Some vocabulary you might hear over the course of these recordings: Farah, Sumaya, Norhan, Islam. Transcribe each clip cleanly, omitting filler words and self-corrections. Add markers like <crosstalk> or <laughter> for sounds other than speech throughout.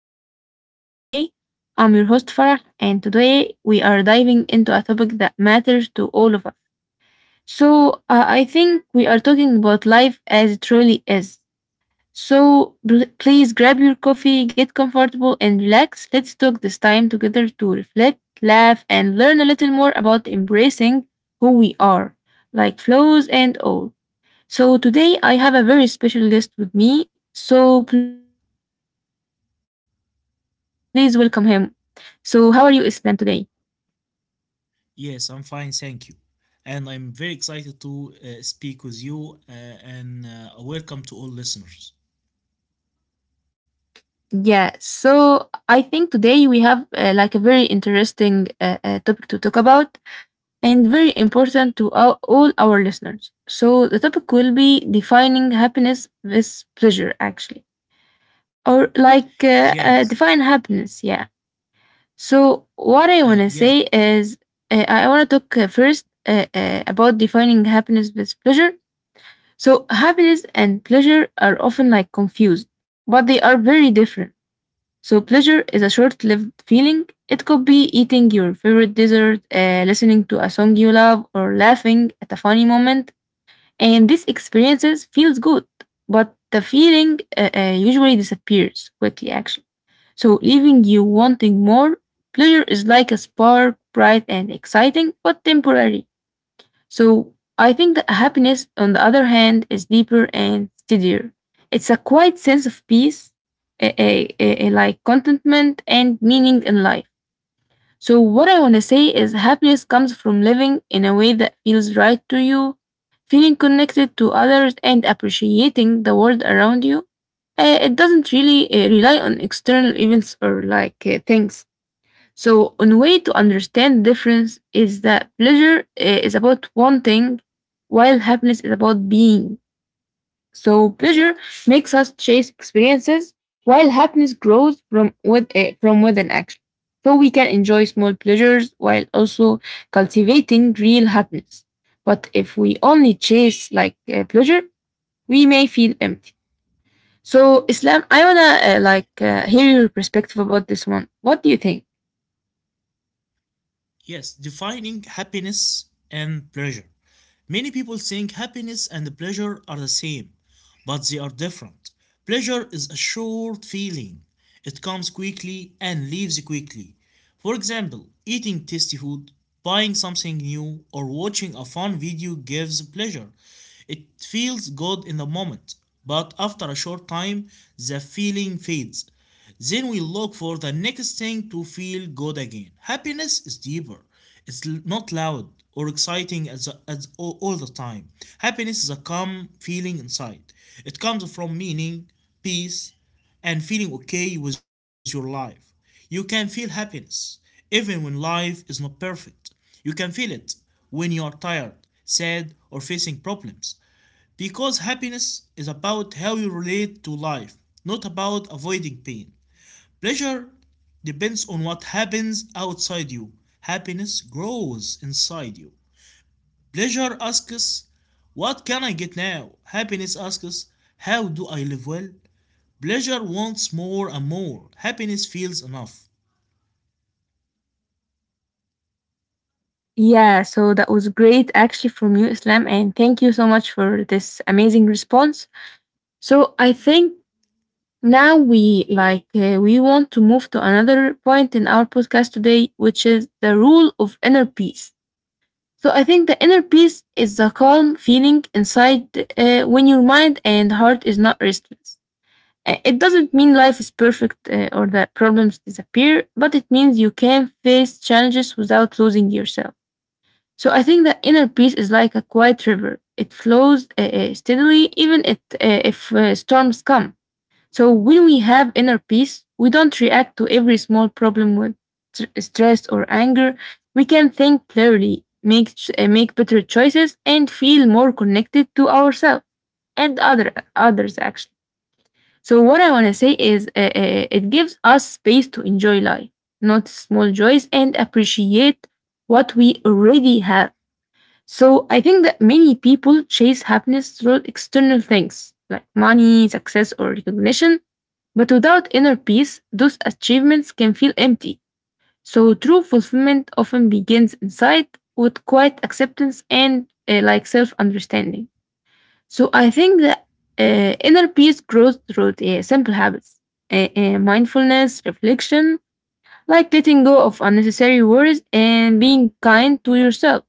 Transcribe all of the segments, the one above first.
our podcast today. I'm your host Farah, and today we are diving into a topic that matters to all of us. I think we are talking about life as it truly is. So, please grab your coffee, get comfortable, and relax. Let's talk this time together to reflect, laugh, and learn a little more about embracing who we are, like flaws and all. So, today I have a very special guest with me. So, please welcome him. So, how are you, Islam, today? Yes, I'm fine, thank you. And I'm very excited to speak with you and welcome to all listeners. Yeah, so I think today we have like a very interesting topic to talk about, and very important to all our listeners. So, the topic will be defining happiness with pleasure, actually, or like Yes, define happiness. Yeah. So, what I want uh, to say yes, is I want to talk first about defining happiness with pleasure. So, happiness and pleasure are often like confused, but they are very different. So, pleasure is a short lived feeling. It could be eating your favorite dessert, listening to a song you love, or laughing at a funny moment. And these experiences feels good, but the feeling usually disappears quickly, actually. So, leaving you wanting more, pleasure is like a spark, bright and exciting, but temporary. So I think that happiness, on the other hand, is deeper and steadier. It's a quiet sense of peace, a like contentment and meaning in life. So what I want to say is happiness comes from living in a way that feels right to you, feeling connected to others and appreciating the world around you. It doesn't really rely on external events or like things. So, one way to understand the difference is that pleasure is about wanting, while happiness is about being. So, pleasure makes us chase experiences, while happiness grows from within action. So, we can enjoy small pleasures while also cultivating real happiness. But if we only chase like pleasure, we may feel empty. So, Islam, I wanna like hear your perspective about this one. What do you think? yes. Defining happiness and pleasure. Many people think happiness and pleasure are the same, but they are different. Pleasure is a short feeling, it comes quickly and leaves quickly. For example, eating tasty food, buying something new, or watching a fun video gives pleasure. It feels good in the moment, but after a short time, the feeling fades, then we look for the next thing to feel good again. Happiness is deeper. It's not loud or exciting all the time. Happiness is a calm feeling inside. It comes from meaning, peace, and feeling okay with your life. You can feel happiness even when life is not perfect. You can feel it when you are tired, sad, or facing problems. Because happiness is about how you relate to life, not about avoiding pain. Pleasure depends on what happens outside you. Happiness grows inside you. Pleasure asks, what can I get now? Happiness asks, how do I live well? Pleasure wants more and more. Happiness feels enough. Yeah, so that was great actually from you, Islam, and thank you so much for this amazing response. So I think now we want to move to another point in our podcast today, which is the rule of inner peace. So I think the inner peace is the calm feeling inside when your mind and heart is not restless. It doesn't mean life is perfect or that problems disappear, but it means you can face challenges without losing yourself. So I think the inner peace is like a quiet river. It flows steadily, even if storms come. So when we have inner peace, we don't react to every small problem with stress or anger. We can think clearly, make better choices, and feel more connected to ourselves and others actually. So what I want to say is, it gives us space to enjoy life, not small joys, and appreciate what we already have. So I think that many people chase happiness through external things like money, success, or recognition. But without inner peace, those achievements can feel empty. So true fulfillment often begins inside with quiet acceptance and like self understanding. So I think that inner peace grows through the simple habits, mindfulness, reflection, like letting go of unnecessary worries and being kind to yourself.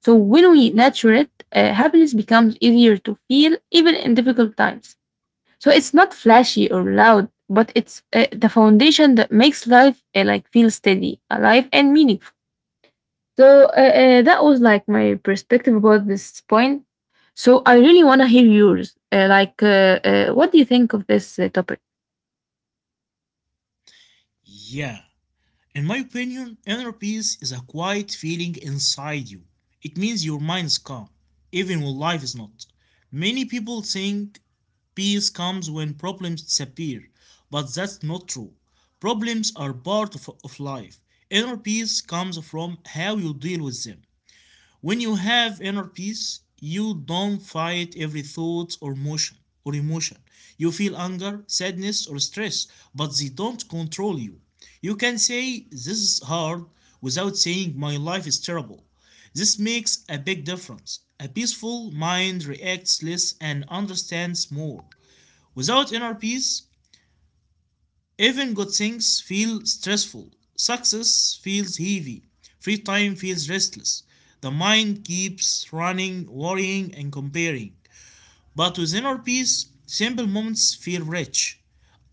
So when we nurture it, happiness becomes easier to feel even in difficult times. So it's not flashy or loud, but it's the foundation that makes life like feel steady, alive, and meaningful. So that was like my perspective about this point. So I really want to hear yours. What do you think of this topic? Yeah. In my opinion, inner peace is a quiet feeling inside you. It means your mind is calm, even when life is not. Many people think peace comes when problems disappear, but that's not true. Problems are part of life. Inner peace comes from how you deal with them. When you have inner peace, you don't fight every thought or motion or emotion. You feel anger, sadness, or stress, but they don't control you. You can say this is hard without saying my life is terrible. This makes a big difference. A peaceful mind reacts less and understands more. Without inner peace, even good things feel stressful. Success feels heavy. Free time feels restless. The mind keeps running, worrying, and comparing. But with inner peace, simple moments feel rich.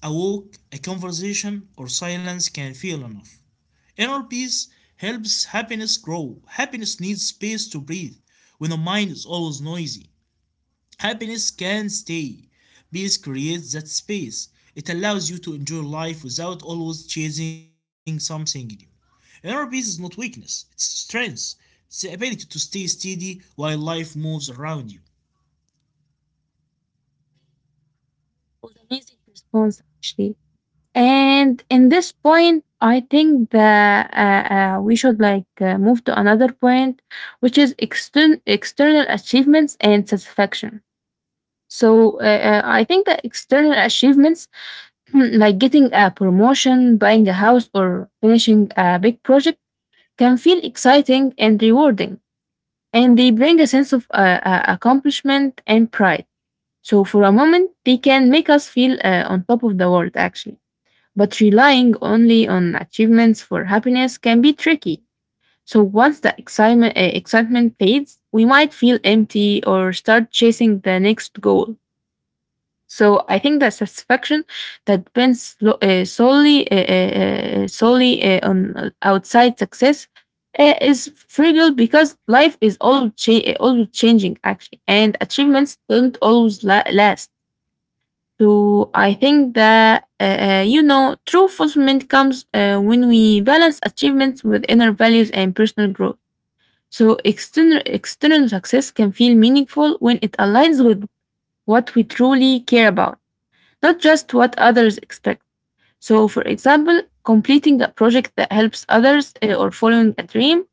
A walk, a conversation, or silence can feel enough. Inner peace helps happiness grow. Happiness needs space to breathe. When the mind is always noisy, happiness can stay. Peace creates that space. It allows you to enjoy life without always chasing something new. Inner peace is not weakness, it's strength. It's the ability to stay steady while life moves around you. It was an amazing response actually. And in this point, I think that we should move to another point, which is external achievements and satisfaction. So I think that external achievements, <clears throat> like getting a promotion, buying a house, or finishing a big project, can feel exciting and rewarding, and they bring a sense of accomplishment and pride. So for a moment, they can make us feel on top of the world, actually. But relying only on achievements for happiness can be tricky. So once the excitement fades, we might feel empty or start chasing the next goal. So I think the satisfaction that depends solely on outside success is fragile because life is always changing actually, and achievements don't always la- last. So I think that you know true fulfillment comes when we balance achievements with inner values and personal growth. So external success can feel meaningful when it aligns with what we truly care about, not just what others expect. So for example, completing a project that helps others or following a dream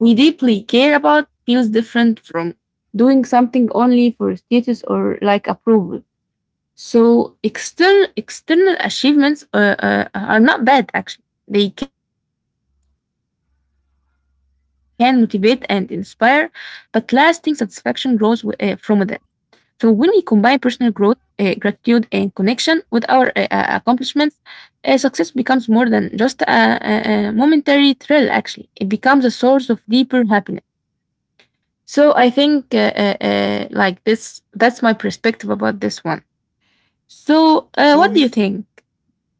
we deeply care about feels different from doing something only for status or like approval. So external achievements are not bad actually. They can motivate and inspire, but lasting satisfaction from within. So when we combine personal growth, gratitude, and connection with our accomplishments, success becomes more than just a momentary thrill. Actually, it becomes a source of deeper happiness. So I think like this. That's my perspective about this one. So For what do you me, think?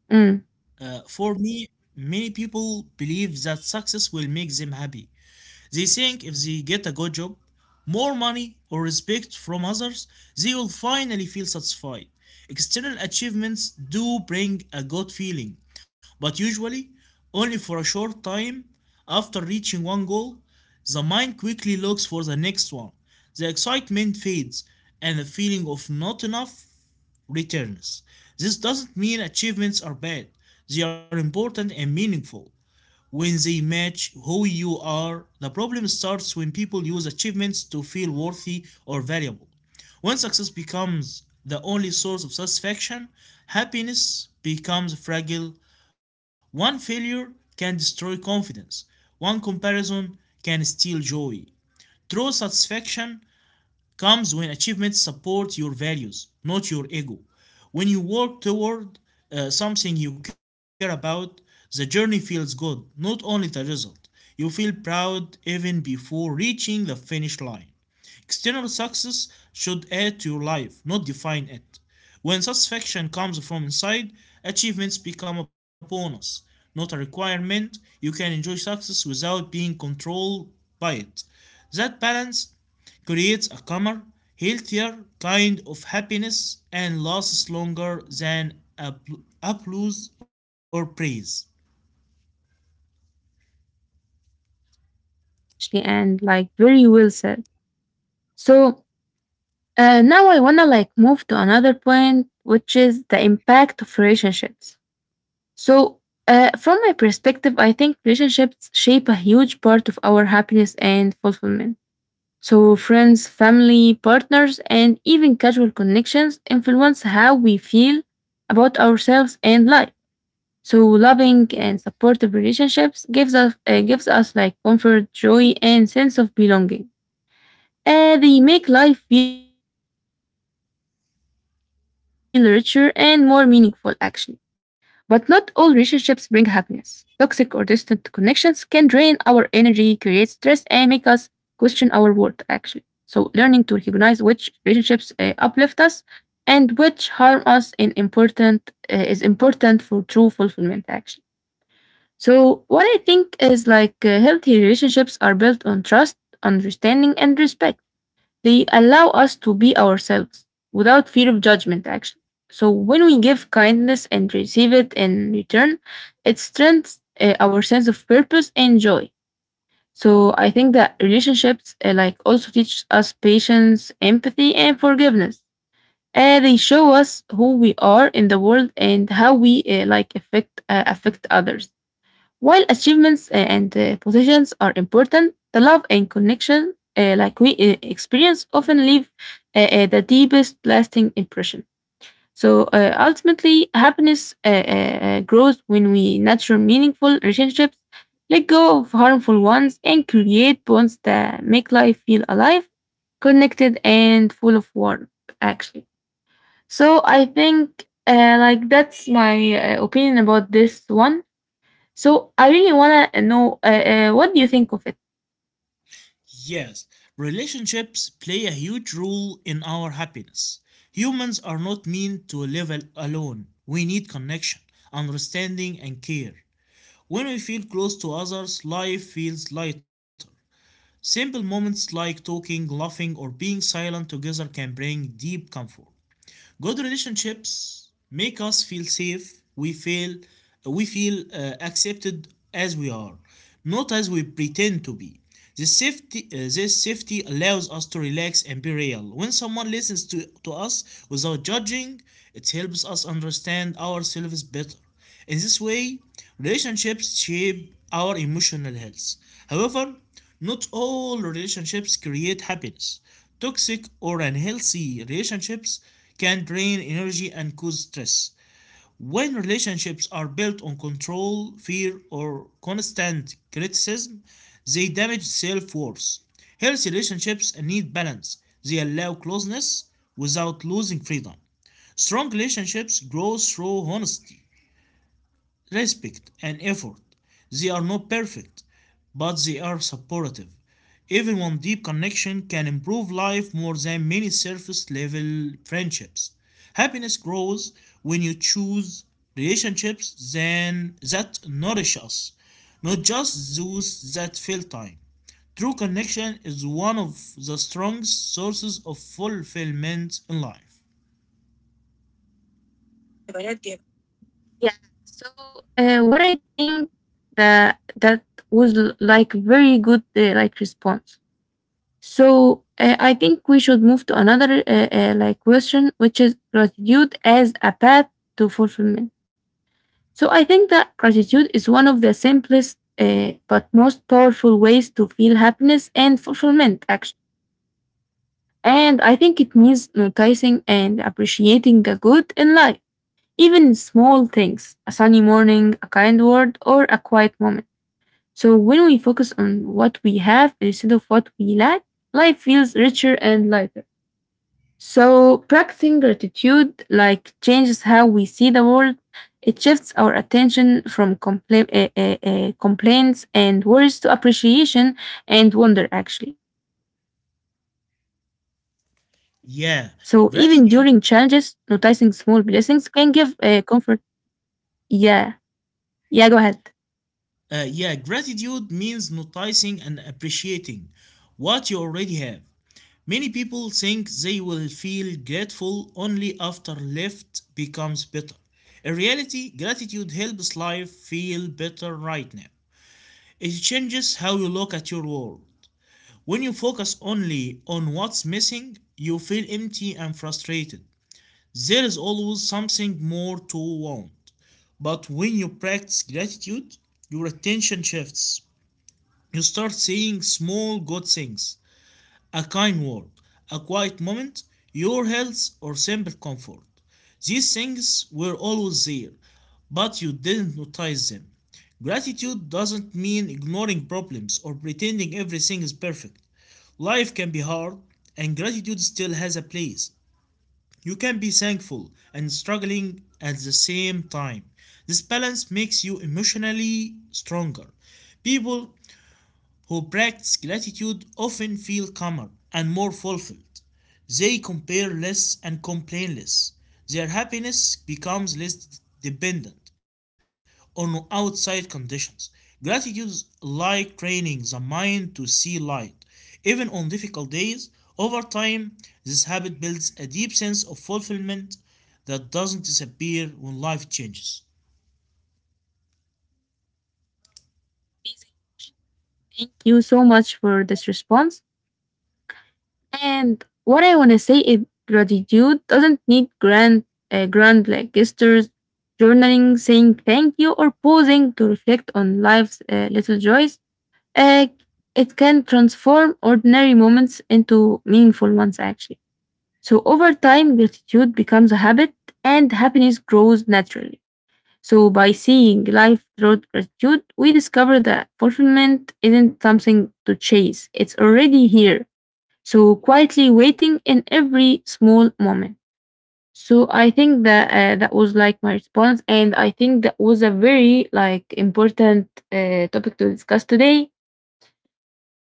Mm, for me, many people believe that success will make them happy. They think if they get a good job, more money, or respect from others, they will finally feel satisfied. External achievements do bring a good feeling, but usually only for a short time. After reaching one goal, the mind quickly looks for the next one. The excitement fades and the feeling of not enough returns. This doesn't mean achievements are bad, they are important and meaningful when they match who you are. The problem starts when people use achievements to feel worthy or valuable. When success becomes the only source of satisfaction, happiness becomes fragile. One failure can destroy confidence. One comparison can steal joy. True satisfaction comes when achievements support your values, not your ego. When you work toward something you care about, the journey feels good, not only the result. You feel proud even before reaching the finish line. External success should add to your life, not define it. When satisfaction comes from inside, achievements become a bonus, not a requirement. You can enjoy success without being controlled by it. That balance creates a calmer, healthier kind of happiness and lasts longer than applause or praise. actually, and like very well said. So now I wanna like move to another point, which is the impact of relationships. So from my perspective, I think relationships shape a huge part of our happiness and fulfillment. So friends, family, partners, and even casual connections influence how we feel about ourselves and life. So loving and supportive relationships gives us like comfort, joy, and sense of belonging. They make life feel richer and more meaningful, actually. But not all relationships bring happiness. Toxic or distant connections can drain our energy, create stress, and make us question our worth, actually. So, learning to recognize which relationships uplift us and which harm us is important for true fulfillment, actually. So, what I think is healthy relationships are built on trust, understanding, and respect. They allow us to be ourselves without fear of judgment, actually. So when we give kindness and receive it in return, it strengthens our sense of purpose and joy. So I think that relationships like also teach us patience, empathy, and forgiveness. They show us who we are in the world and how we affect others. While achievements and positions are important, the love and connection, like we experience, often leave the deepest lasting impression. So ultimately, happiness grows when we nurture meaningful relationships, let go of harmful ones, and create bonds that make life feel alive, connected, and full of warmth. Actually, so I think like that's my opinion about this one. So I really want to know what do you think of it? Yes, relationships play a huge role in our happiness. Humans are not meant to live alone. We need connection, understanding, and care. When we feel close to others, life feels lighter. Simple moments like talking, laughing, or being silent together can bring deep comfort. Good relationships make us feel safe. We feel accepted as we are, not as we pretend to be. This safety allows us to relax and be real. When someone listens to us without judging, it helps us understand ourselves better. In this way, relationships shape our emotional health. However, not all relationships create happiness. Toxic or unhealthy relationships can drain energy and cause stress. When relationships are built on control, fear, or constant criticism, they damage self worth. Healthy relationships need balance, they allow closeness without losing freedom. Strong relationships grow through honesty, respect, and effort. They are not perfect, but they are supportive. Even one deep connection can improve life more than many surface level friendships. Happiness grows when you choose that nourish us, not just those that fill time. True connection is one of the strongest sources of fulfillment in life. Yeah. So what I think that like very good like response. So I think we should move to another like question, which is gratitude as a path to fulfillment. So I think that gratitude is one of the simplest but most powerful ways to feel happiness and fulfillment. Actually, and I think it means noticing and appreciating the good in life. Even small things, a sunny morning, a kind word, or a quiet moment. So when we focus on what we have instead of what we lack, life feels richer and lighter. So practicing gratitude like changes how we see the world. It shifts our attention from complaints and worries to appreciation and wonder actually. So even during challenges, noticing small Yeah, blessings can gratitude give comfort. Yeah. Yeah, go ahead. Yeah, Gratitude means noticing and appreciating what you already have. Many people think they will feel grateful only after life becomes better. In reality, gratitude helps life feel better right now. It changes how you look at your world. When you focus only on what's missing, you feel empty and frustrated. There is always something more to want. But when you practice gratitude, your attention shifts. You start saying small good things, a kind word, a quiet moment, your health, or simple comfort. These things were always there, but you didn't notice them. Gratitude doesn't mean ignoring problems or pretending everything is perfect. Life can be hard, and gratitude still has a place. You can be thankful and struggling at the same time. This balance makes you emotionally stronger. People who practice gratitude often feel calmer and more fulfilled. They compare less and complain less. Their happiness becomes less dependent on outside conditions. Gratitude is like training the mind to see light, even on difficult days. Over time, this habit builds a deep sense of fulfillment that doesn't disappear when life changes. Thank you so much for this response. And what I want to say is gratitude doesn't need grand like gestures, journaling, saying thank you, or pausing to reflect on life's little joys. Uh, it can transform ordinary moments into meaningful ones, actually. So over time, gratitude becomes a habit, and happiness grows naturally. So, by seeing life through gratitude, we discover that fulfillment isn't something to chase, it's already here. So, quietly waiting in every small moment. So, I think that that was like my response, and I think that was a very like important topic to discuss today.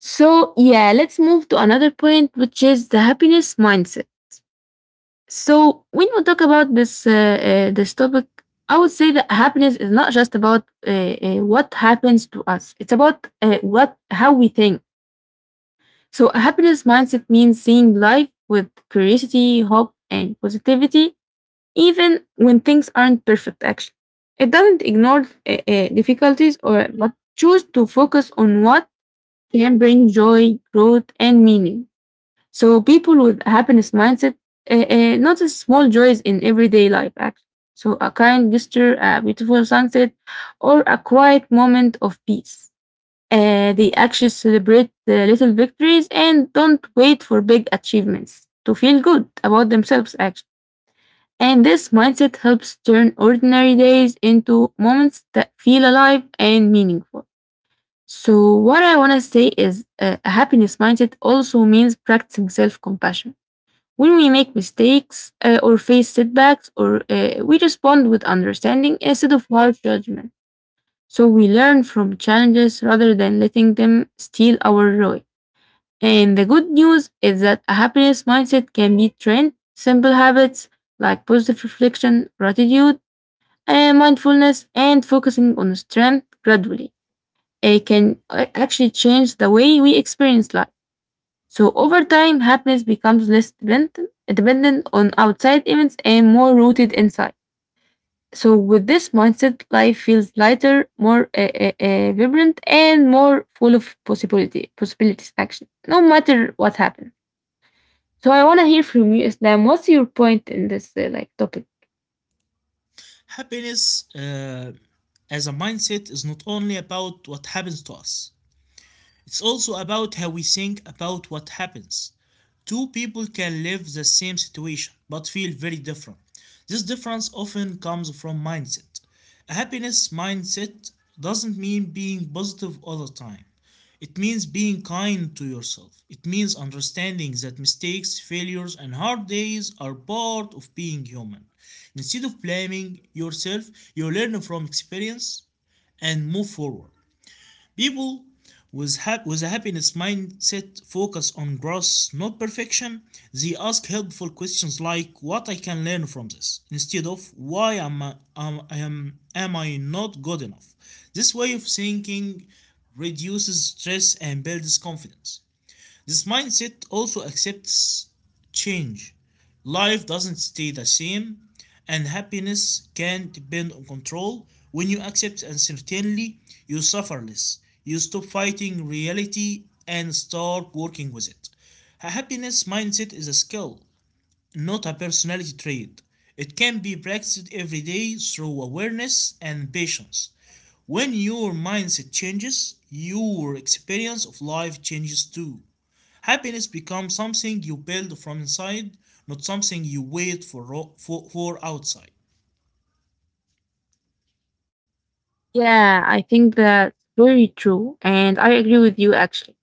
So, yeah, let's move to another point, which is the happiness mindset. So when we talk about this topic, I would say that happiness is not just about what happens to us. It's about what how we think. So a happiness mindset means seeing life with curiosity, hope, and positivity, even when things aren't perfect. Actually, it doesn't ignore difficulties or but choose to focus on what can bring joy, growth, and meaning. So people with happiness mindset notice small joys in everyday life, actually. So a kind gesture, a beautiful sunset, or a quiet moment of peace. They actually celebrate the little victories and don't wait for big achievements to feel good about themselves, actually. And this mindset helps turn ordinary days into moments that feel alive and meaningful. So, what I want to say is a happiness mindset also means practicing self compassion when we make mistakes or face setbacks, or we respond with understanding instead of harsh judgment. So we learn from challenges rather than letting them steal our joy. And the good news is that a happiness mindset can be trained. Simple habits like positive reflection, gratitude, and mindfulness, and focusing on strength gradually. It can actually change the way we experience life. So over time, happiness becomes less dependent on outside events and more rooted inside. So with this mindset, life feels lighter, more vibrant, and more full of possibility possibilities. Action, no matter what happens. So I want to hear from you, Islam. What's your point in this like topic? Happiness as a mindset is not only about what happens to us, it's also about how we think about what happens. Two people can live the same situation but feel very different. This difference often comes from mindset. A happiness mindset doesn't mean being positive all the time. It means being kind to yourself. It means understanding that mistakes, failures, and hard days are part of being human. Instead of blaming yourself, you learn from experience and move forward. People with a happiness mindset focus on growth, not perfection. They ask helpful questions like what I can learn from this, instead of why am I not good enough. This way of thinking reduces stress and builds confidence. This mindset also accepts change. Life doesn't stay the same, and happiness can depend on control. When you accept uncertainty, you suffer less. You stop fighting reality and start working with it. A happiness mindset is a skill, not a personality trait. It can be practiced every day through awareness and patience. When your mindset changes, your experience of life changes too. Happiness becomes something you build from inside, not something you wait for outside. Yeah, I think that's very true, and I agree with you actually.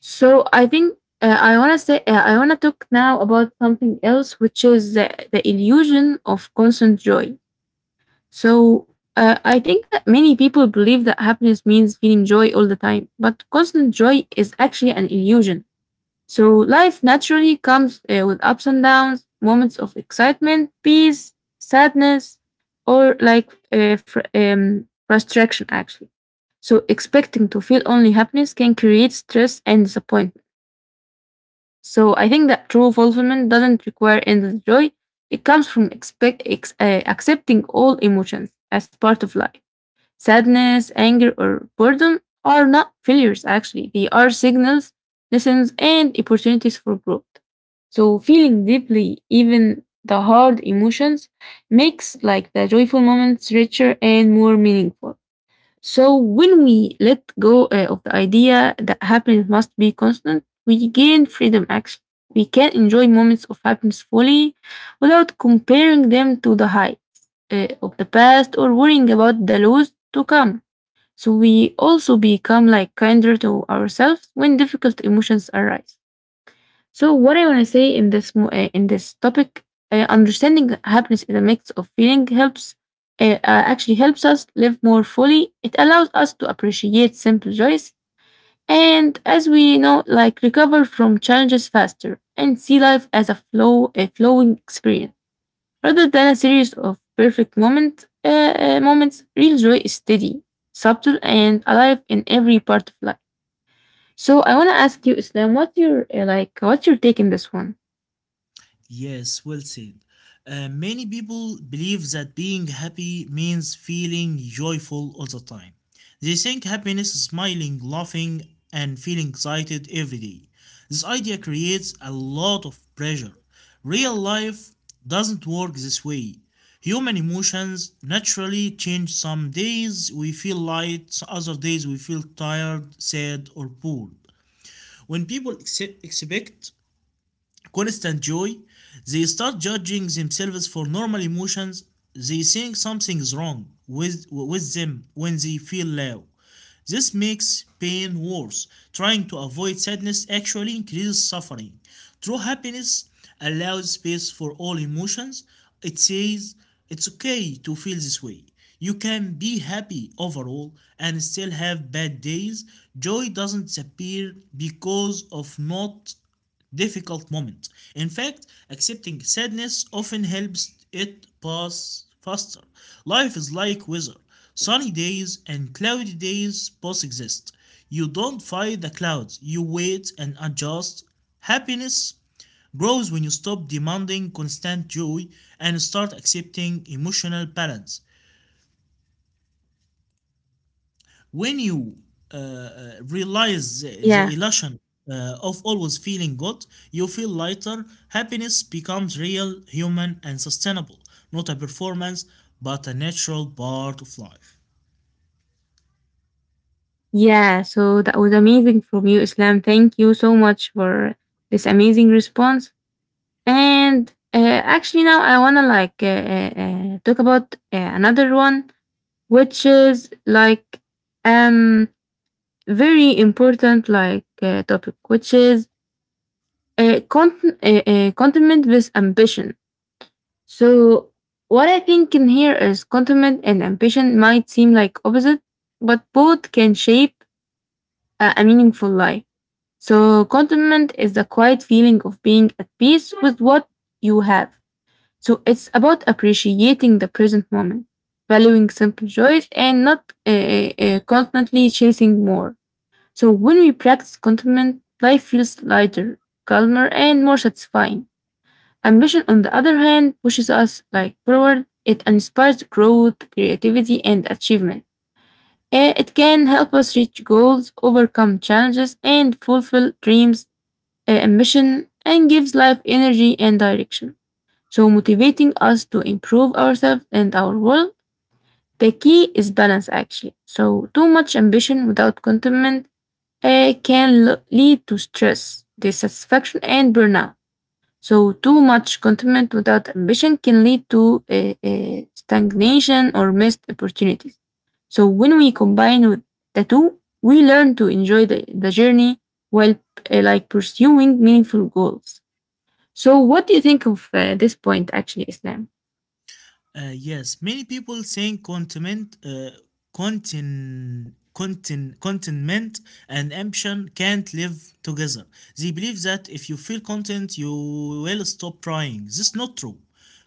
So I think I want to say I want to talk now about something else, which is the illusion of constant joy. So I think that many people believe that happiness means feeling joy all the time, but constant joy is actually an illusion. So life naturally comes with ups and downs, moments of excitement, peace, sadness, or like frustration actually. So expecting to feel only happiness can create stress and disappointment. So I think that true fulfillment doesn't require endless joy. It comes from accepting all emotions as part of life. Sadness, anger, or boredom are not failures, actually. They are signals, lessons, and opportunities for growth. So feeling deeply, even the hard emotions, makes like the joyful moments richer and more meaningful. So when we let go of the idea that happiness must be constant, we gain freedom actually. We can enjoy moments of happiness fully without comparing them to the highs of the past or worrying about the lows to come. So we also become like kinder to ourselves when difficult emotions arise. So what I want to say in this topic, understanding happiness in a mix of feeling helps actually helps us live more fully. It allows us to appreciate simple joys and, as we know, like recover from challenges faster and see life as a flowing experience rather than a series of perfect moment moments. Real joy is steady, subtle, and alive in every part of life. So I want to ask you, Islam, what's your like, what's your take in this one? Yes, well said. Many people believe that being happy means feeling joyful all the time. They think happiness is smiling, laughing, and feeling excited every day. This idea creates a lot of pressure. Real life doesn't work this way. Human emotions naturally change. Some days we feel light, other days we feel tired, sad, or bored. When people expect constant joy, they start judging themselves for normal emotions. They think something's wrong with them when they feel low. This makes pain worse. Trying to avoid sadness actually increases suffering. True happiness allows space for all emotions. It says it's okay to feel this way. You can be happy overall and still have bad days. Joy doesn't disappear because of not difficult moment. In fact, accepting sadness often helps it pass faster. Life is like weather. Sunny days and cloudy days both exist. You don't fight the clouds, you wait and adjust. Happiness grows when you stop demanding constant joy and start accepting emotional balance. When you realize the Yeah, illusion of always feeling good, you feel lighter. Happiness becomes real, human, and sustainable, not a performance, but a natural part of life. yeah. So that was amazing from you, Islam. Thank you so much for this amazing response. And actually, now I wanna like talk about another one, which is like um very important like topic, which is contentment with ambition. So what I think in here is contentment and ambition might seem like opposite, but both can shape a meaningful life. So contentment is the quiet feeling of being at peace with what you have. So it's about appreciating the present moment, valuing simple joys, and not constantly chasing more. So when we practice contentment, life feels lighter, calmer, and more satisfying. Ambition, on the other hand, pushes us like forward. It inspires growth, creativity, and achievement. It can help us reach goals, overcome challenges, and fulfill dreams, ambition, and gives life energy and direction so motivating us to improve ourselves and our world. The key is balance, actually. So, too much ambition without contentment can lead to stress, dissatisfaction, and burnout. So, too much contentment without ambition can lead to stagnation or missed opportunities. So, when we combine with the two, we learn to enjoy the journey while like pursuing meaningful goals. So, what do you think of this point, actually, Islam? Yes, many people saying contentment and ambition can't live together. They believe that if you feel content, you will stop trying. This is not true.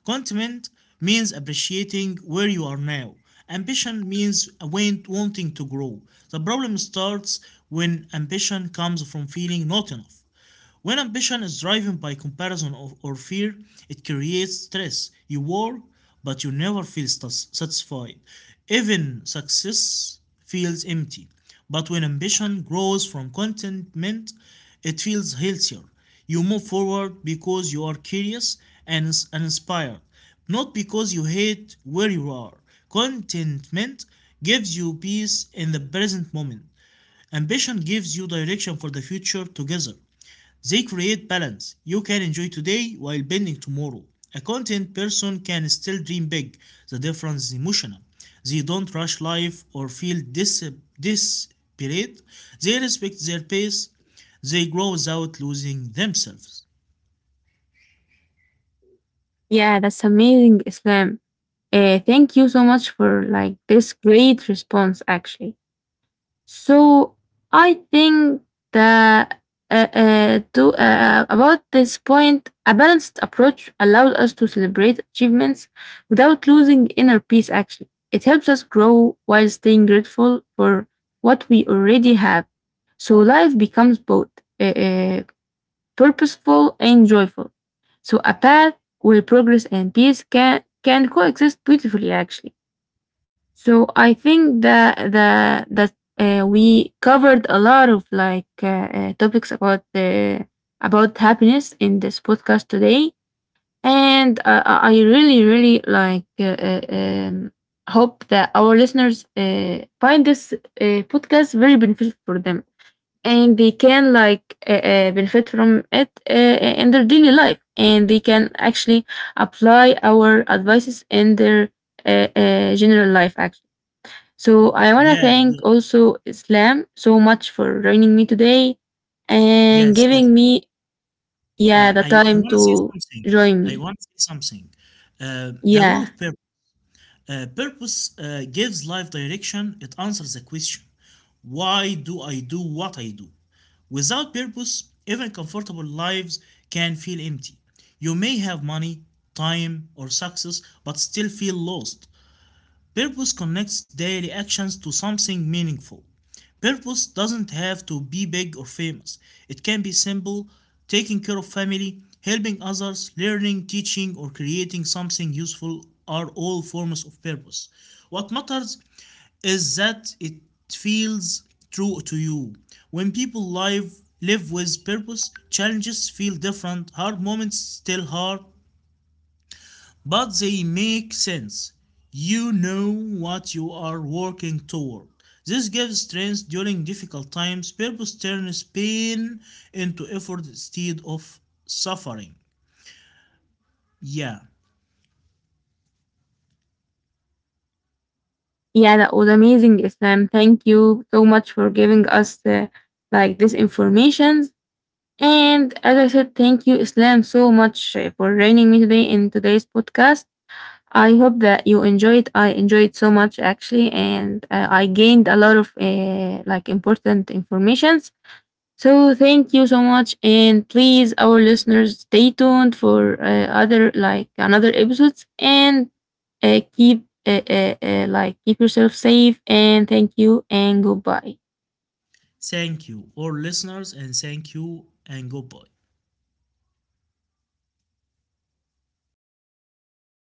Contentment means appreciating where you are now. Ambition means wanting to grow. The problem starts when ambition comes from feeling not enough. When ambition is driven by comparison or fear, it creates stress. You work, but you never feel satisfied. Even success feels empty. But when ambition grows from contentment, it feels healthier. You move forward because you are curious and inspired, not because you hate where you are. Contentment gives you peace in the present moment. Ambition gives you direction for the future together. They create balance. You can enjoy today while bending tomorrow. A content person can still dream big. The difference is emotional. They don't rush life or feel desperate. They respect their pace. They grow without losing themselves. Yeah, that's amazing, Islam. Thank you so much for like this great response, actually. So I think that to about this point, a balanced approach allows us to celebrate achievements without losing inner peace. Actually, it helps us grow while staying grateful for what we already have. So life becomes both uh, uh, purposeful and joyful. So a path where progress and peace can coexist beautifully, actually. So I think that the that we covered a lot of like topics about the about happiness in this podcast today, and uh, I really really like hope that our listeners find this podcast very beneficial for them and they can like benefit from it in their daily life, and they can actually apply our advices in their general life actually. So I want to Yeah, thank yeah, also Islam so much for joining me today and yes, giving yes. me yeah Uh, the I, I time want to say to something. join I me. want to say something. The role Yeah, of purpose. Purpose gives life direction. It answers the question, why do I do what I do? Without purpose, even comfortable lives can feel empty. You may have money, time, or success, but still feel lost. Purpose connects daily actions to something meaningful. Purpose doesn't have to be big or famous. It can be simple, taking care of family, helping others, learning, teaching, or creating something useful are all forms of purpose. What matters is that it feels true to you. When people live with purpose, challenges feel different, hard moments still hard, but they make sense. You know what you are working toward. This gives strength during difficult times. Purpose turns pain into effort instead of suffering. Yeah. yeah, that was amazing, Islam. Thank you so much for giving us the, like this information. And as I said, thank you, Islam, so much for joining me today in today's podcast. I hope that you enjoyed. I enjoyed so much actually, and I gained a lot of like important informations. So thank you so much, and please, our listeners, stay tuned for other like another episodes, and keep like keep yourself safe. And thank you, and goodbye. Thank you, all listeners, and thank you, and goodbye.